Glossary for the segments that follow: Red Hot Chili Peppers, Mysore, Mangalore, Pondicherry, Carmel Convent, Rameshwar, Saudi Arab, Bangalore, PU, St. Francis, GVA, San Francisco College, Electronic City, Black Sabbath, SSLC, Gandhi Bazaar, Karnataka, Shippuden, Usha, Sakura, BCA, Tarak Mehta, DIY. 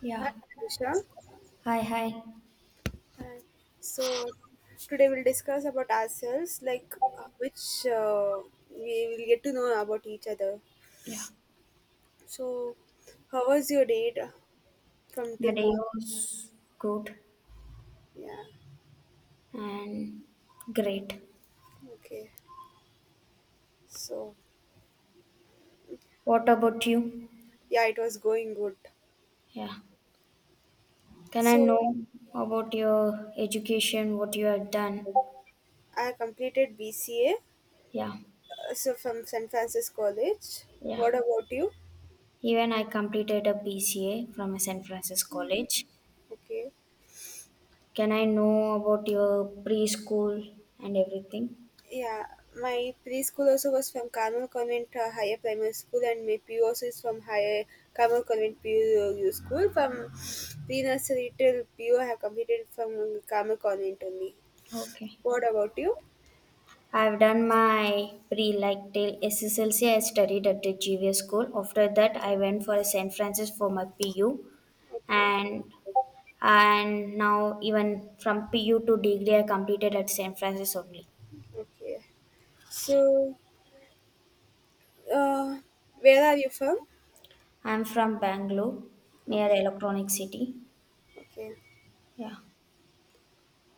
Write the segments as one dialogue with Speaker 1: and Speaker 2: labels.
Speaker 1: Yeah.
Speaker 2: Hi, Usha.
Speaker 1: Hi, hi.
Speaker 2: Hi. So Today we'll discuss about ourselves, like which uh, we will get to know about each other.
Speaker 1: Yeah.
Speaker 2: So, how was your day from
Speaker 1: My
Speaker 2: till
Speaker 1: day
Speaker 2: morning?
Speaker 1: was good
Speaker 2: Yeah.
Speaker 1: and great.
Speaker 2: Okay. So
Speaker 1: What about you?
Speaker 2: yeah, it was going good.
Speaker 1: Yeah. Can I
Speaker 2: So
Speaker 1: know about your education, what you have done?
Speaker 2: I completed BCA.
Speaker 1: Yeah.
Speaker 2: So from San Francisco College.
Speaker 1: Yeah.
Speaker 2: What about you?
Speaker 1: Even I completed a BCA from a San Francisco college.
Speaker 2: Okay.
Speaker 1: Can I know about your preschool and everything?
Speaker 2: Yeah, my preschool also was from Carmel Convent Higher Primary School, and my PU also is from Higher Carmel Convent PU School. From pre nursery till PU, have completed from Carmel Convent only.
Speaker 1: Okay.
Speaker 2: What about you?
Speaker 1: I've done my pre like till SSLC. I studied at the GVA school. After that, I went for St. Francis for my PU,
Speaker 2: Okay,
Speaker 1: and and now even from PU to degree, I completed at St. Francis only.
Speaker 2: okay. So, uh, where are you from?
Speaker 1: I'm from Bangalore, near
Speaker 2: Okay,
Speaker 1: Electronic City.
Speaker 2: okay.
Speaker 1: Yeah,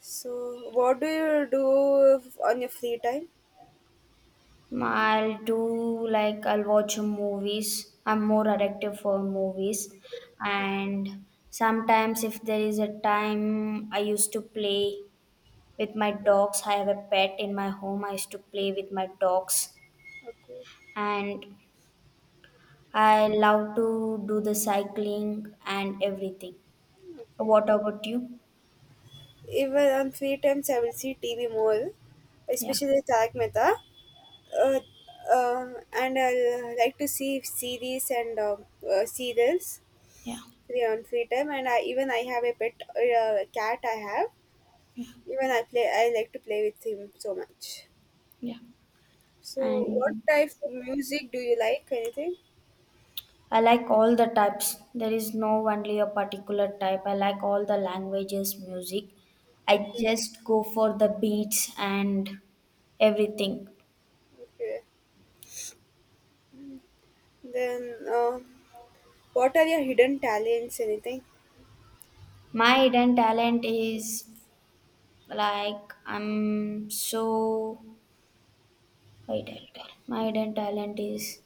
Speaker 2: So, what do you do on your free time?
Speaker 1: I'll do like I'll watch movies. I'm more addictive for movies, and sometimes if there is a time, I used to play with my dogs. I have a pet in my home. I used to play with my dogs
Speaker 2: Okay,
Speaker 1: and I love to do the cycling and everything.
Speaker 2: okay.
Speaker 1: What about you?
Speaker 2: Even on free times, I will see TV more,
Speaker 1: Yeah.
Speaker 2: especially Tarak Mehta. uh, and I like to see series and serials free on free time. And I even I have a pet cat. I have even I play. I like to play with him so much. So, what
Speaker 1: And
Speaker 2: type of music do you like? Anything?
Speaker 1: I like all the types. There is no only a particular type. I like all the languages, music. I
Speaker 2: Okay,
Speaker 1: just go for the beats and everything.
Speaker 2: okay. Then, what are your hidden talents? Anything?
Speaker 1: My hidden talent is like I'm so Hidden talent. My hidden talent is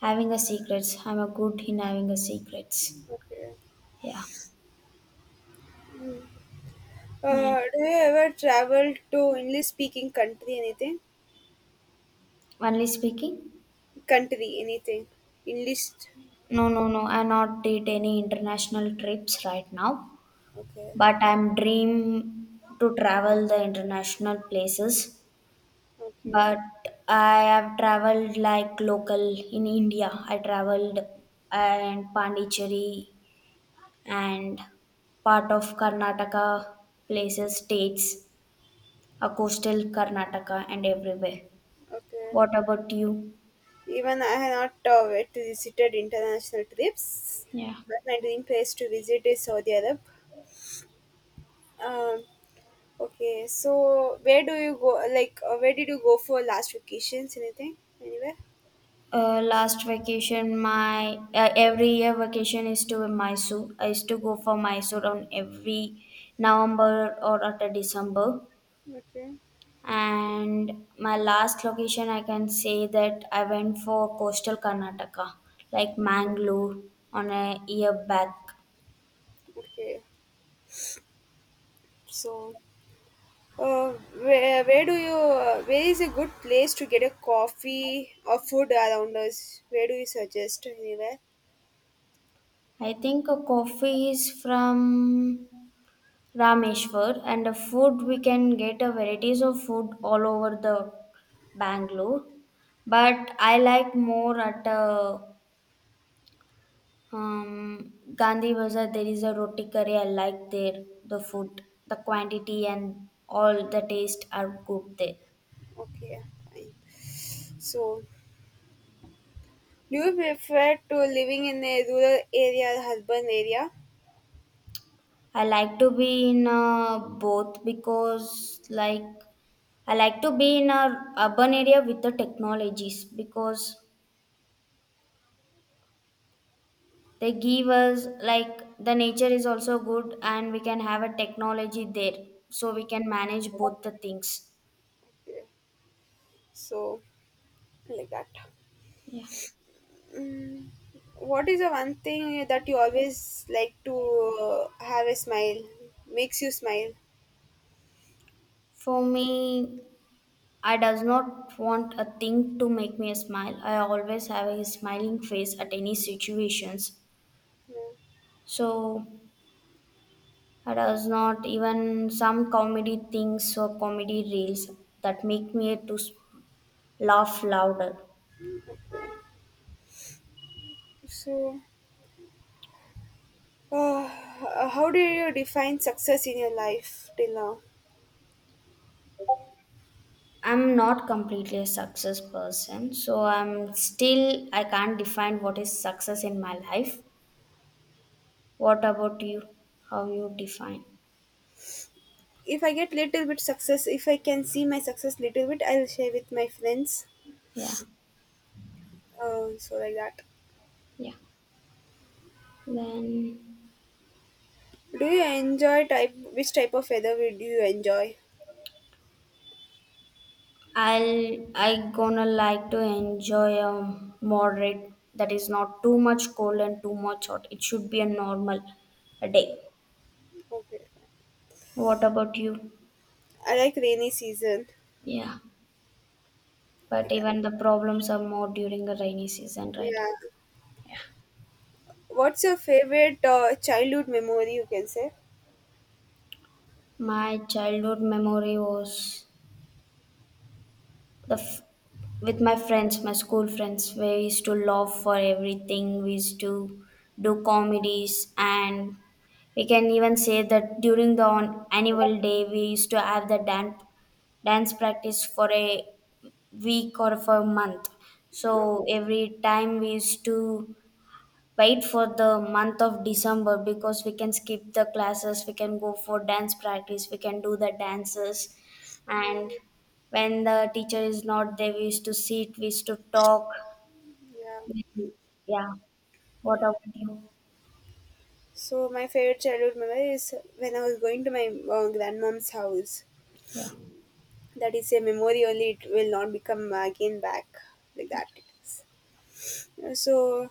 Speaker 1: having a secrets. I'm a good in having a secrets.
Speaker 2: Okay.
Speaker 1: Yeah. Mm.
Speaker 2: Do you ever travel to English speaking country? Anything?
Speaker 1: Only speaking?
Speaker 2: Country? Anything? English?
Speaker 1: No, no, no. I not did any international trips right now,
Speaker 2: Okay.
Speaker 1: but I'm dream to travel the international places.
Speaker 2: Okay,
Speaker 1: But I have traveled like local in India. I traveled and Pondicherry and part of Karnataka places, states. Coastal Karnataka and everywhere.
Speaker 2: okay.
Speaker 1: What about you?
Speaker 2: Even I have not yet visited international trips, but my dream place to visit is Saudi Arab. Um, okay, so where do you go? Like, where did you go for last vacations? Anything? Anywhere?
Speaker 1: Last vacation, my every year vacation is to Mysore. I used to go for Mysore on every November or after December.
Speaker 2: Okay,
Speaker 1: And my last location, I can say that I went for coastal Karnataka, like Mangalore, on a year back.
Speaker 2: okay. So, uh, where do you? Where is a good place to get a coffee or food around us? Where do you suggest? Anywhere?
Speaker 1: I think a coffee is from Rameshwar and the food we can get a varieties of food all over the Bangalore, but I like more at Gandhi Bazaar. There is a roti curry. I like there the food, the quantity and all the taste are good there.
Speaker 2: Okay, fine. So. Do you prefer to living in a rural area or urban area?
Speaker 1: I like to be in both because like I like to be in a urban area with the technologies because they give us like the nature is also good and we can have a technology there, so we can manage both the things.
Speaker 2: Okay, so, like that. Mm, what is the one thing that you always like to have a smile? Makes you smile.
Speaker 1: For me, I does not want a thing to make me smile. I always have a smiling face at any situations.
Speaker 2: Yeah.
Speaker 1: So I does not even some comedy things or comedy reels that make me to laugh louder.
Speaker 2: So, uh, how do you define success in your life till now?
Speaker 1: I'm not completely a success person, so I can't define what is success in my life. What about you? How you define?
Speaker 2: If I get little bit success, if I can see my success little bit, I'll share with my friends. So like that.
Speaker 1: Then
Speaker 2: Do you enjoy type? Which type of weather do you enjoy?
Speaker 1: I gonna like to enjoy a moderate, that is not too much cold and too much hot. It should be a normal a day.
Speaker 2: Okay.
Speaker 1: What about you?
Speaker 2: I like rainy season.
Speaker 1: Yeah, but
Speaker 2: Like that.
Speaker 1: even the problems are more during a rainy season, right?
Speaker 2: Yeah. What's your favorite childhood memory? You can say.
Speaker 1: My childhood memory was the f- with my friends, my school friends. We used to laugh for everything. We used to do comedies, and we can even say that during the on annual day, we used to have the dance practice for a week or for a month.
Speaker 2: Mm,
Speaker 1: So every time we used to wait for the month of December because we can skip the classes, we can go for dance practice, we can do the dances.
Speaker 2: yeah.
Speaker 1: And when the teacher is not there, we used to sit, we used to talk.
Speaker 2: Yeah.
Speaker 1: Yeah. What
Speaker 2: Yeah.
Speaker 1: about you?
Speaker 2: So my favorite childhood memory is when I was going to my grandmom's house. That is a memory only; it will not become again back like that. It is. So,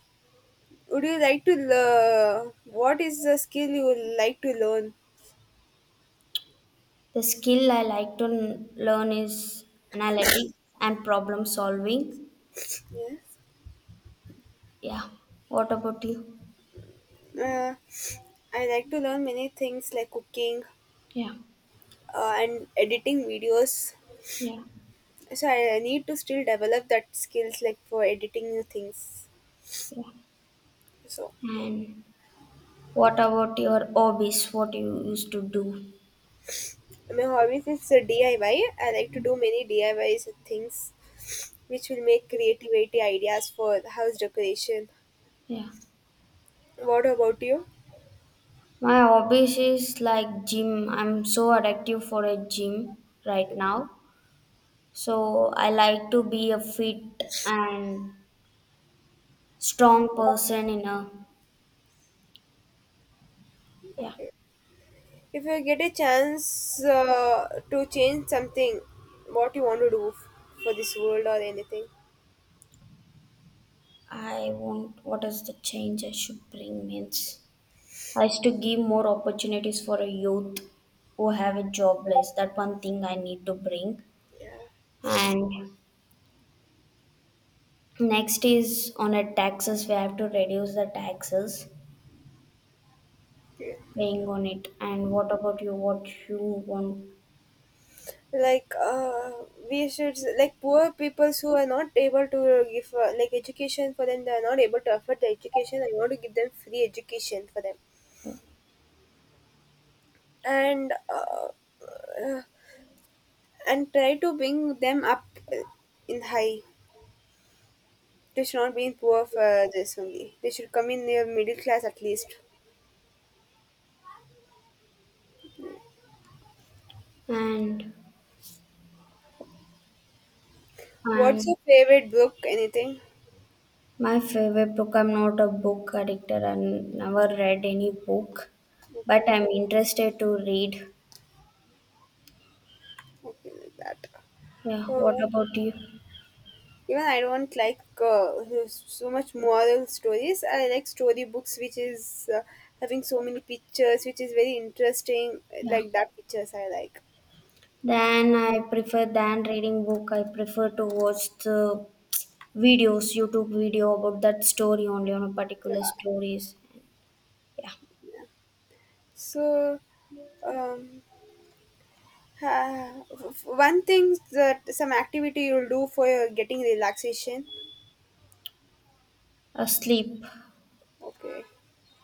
Speaker 2: would you like to learn? What is the skill you would like to learn?
Speaker 1: The skill I like to learn is analytics and problem solving.
Speaker 2: Yes.
Speaker 1: Yeah. What about you?
Speaker 2: Uh, I like to learn many things like cooking, and editing videos. So I need to still develop that skills like for editing new things. So
Speaker 1: And what about your hobbies, what you used to do?
Speaker 2: my hobbies is DIY. I Y. I like to do many DIYs and things which will make creativity ideas for the house decoration. What about you?
Speaker 1: My hobbies is like gym. I'm so addictive for a gym right now. So I like to be a fit and strong person in a
Speaker 2: If you get a chance to change something, what you want to do for this world or anything?
Speaker 1: I want what is the change I should bring means I is to give more opportunities for a youth who have a jobless. That one thing I need to bring.
Speaker 2: Yeah.
Speaker 1: And next is on a taxes, we have to reduce the taxes
Speaker 2: Yeah.
Speaker 1: paying on it. And what about you? What you want
Speaker 2: Like, we should, like, poor people who are not able to give like education, for them, they are not able to afford the education. I want to give them free education for them, and uh, uh, and try to bring them up uh, in high. They should not be in poor. For this only, they should come in their middle class at least.
Speaker 1: and
Speaker 2: What's
Speaker 1: And
Speaker 2: your favorite book? Anything?
Speaker 1: my favorite book, I'm not a book addictor and never read any book, but
Speaker 2: Okay,
Speaker 1: I'm interested to read.
Speaker 2: okay, like that.
Speaker 1: Yeah, what
Speaker 2: Uh,
Speaker 1: about you?
Speaker 2: even I don't like so much moral stories. I like story books, which is having so many pictures, which is very interesting. Like that pictures I like.
Speaker 1: Then I prefer than reading book, I prefer to watch the videos, YouTube video about that story only on a particular
Speaker 2: Yeah.
Speaker 1: stories. Yeah.
Speaker 2: So, um, ha- one thing that some activity you'll do for your getting relaxation.
Speaker 1: Asleep.
Speaker 2: Okay,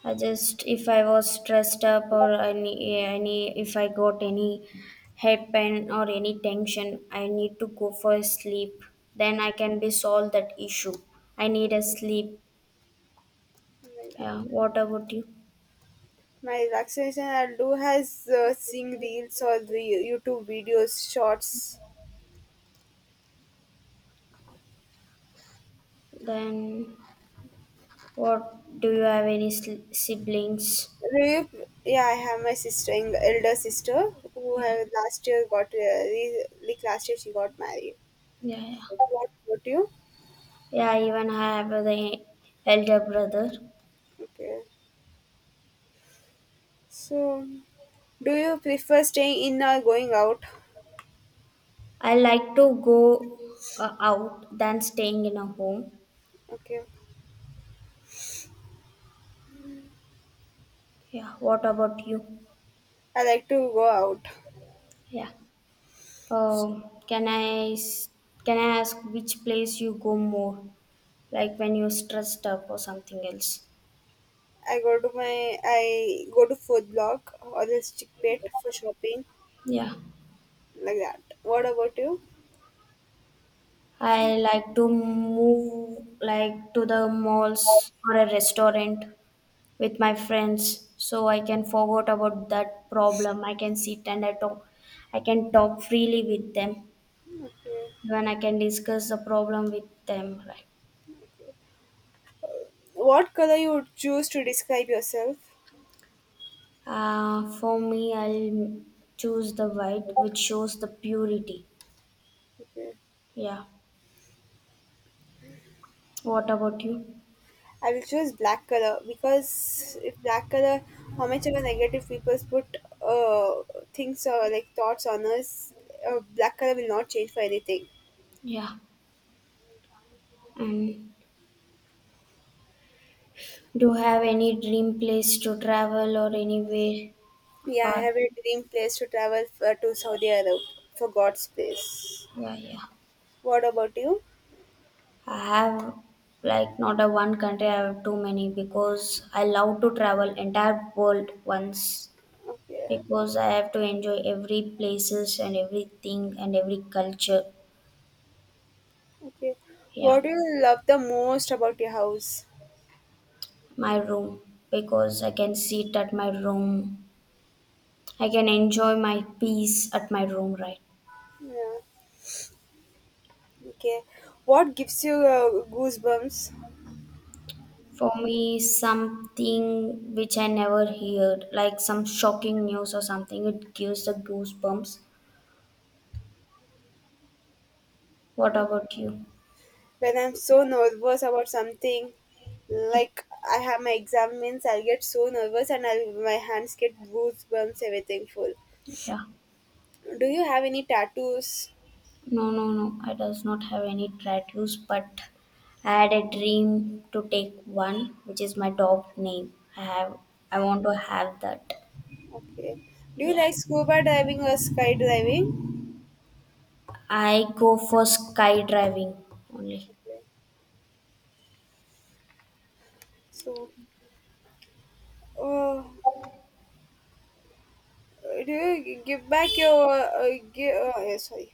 Speaker 1: I just, if I was stressed up or if I got any head pain or any tension, I need to go for a sleep. Then I can be solve that issue. I need a sleep.
Speaker 2: like
Speaker 1: Yeah.
Speaker 2: that.
Speaker 1: What about you?
Speaker 2: My relaxation I'll do has seeing reels or the YouTube videos, shorts.
Speaker 1: Then, what do you have any siblings?
Speaker 2: Rape, yeah, I have my sister, elder sister, who have last year got like last year she got married. What about you?
Speaker 1: Yeah, even I even have the elder brother.
Speaker 2: Okay. So, do you prefer staying in or going out?
Speaker 1: I like to go out than staying in a home.
Speaker 2: Okay.
Speaker 1: Yeah. What about you?
Speaker 2: I like to go out.
Speaker 1: Yeah. Oh, can I ask which place you go more, like when you're stressed up or something else?
Speaker 2: I go to my I go to food block or the stick pet for shopping,
Speaker 1: Yeah,
Speaker 2: like that. What about you?
Speaker 1: I like to move like to the malls or a restaurant with
Speaker 2: Okay,
Speaker 1: my friends, so I can forget about that problem. I can sit and I talk. I can talk freely with them.
Speaker 2: okay.
Speaker 1: Even I can discuss the problem with them. Right.
Speaker 2: What color you would choose to describe yourself?
Speaker 1: For me, I'll choose the white, which shows the purity.
Speaker 2: Okay.
Speaker 1: What about you?
Speaker 2: I will choose black color. Because if black color, how much of a negative people put uh, things or like thoughts on us, black color will not change for anything.
Speaker 1: And do you have any dream place to travel or anywhere?
Speaker 2: Yeah, I
Speaker 1: Or
Speaker 2: have a dream place to travel for, to Saudi Arab for God's place.
Speaker 1: yeah, yeah.
Speaker 2: What about you?
Speaker 1: I have like not a one country. I have too many because I love to travel entire world once
Speaker 2: Okay,
Speaker 1: because I have to enjoy every places and everything and every culture.
Speaker 2: okay.
Speaker 1: Yeah,
Speaker 2: What do you love the most about your house?
Speaker 1: my room, because I can sit at my room. I can enjoy my peace at my room, right?
Speaker 2: Yeah. Okay. What gives you goosebumps?
Speaker 1: For me, something which I never heard, like some shocking news or something, it gives the goosebumps. What about you?
Speaker 2: When I'm so nervous about something, like I have my exams, I'll get so nervous and I'll my hands get goosebumps, everything full. Do you have any tattoos?
Speaker 1: No, no, no. I does not have any tattoos, but I had a dream to take one, which is my dog name. I have. I want to have that.
Speaker 2: Okay. Do you like scuba diving or skydiving?
Speaker 1: I go for skydiving only.
Speaker 2: Okay. So, uh, do you give back your give, yeah, sorry?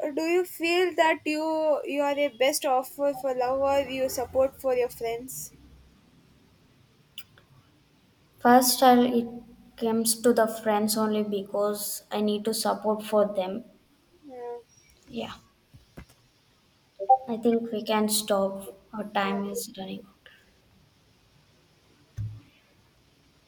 Speaker 2: Do you feel that you are a best offer for love or you support for your friends?
Speaker 1: First, it comes to the friends only because I need to support for them.
Speaker 2: Yeah,
Speaker 1: I think we can stop. Our
Speaker 2: yeah.
Speaker 1: time is running.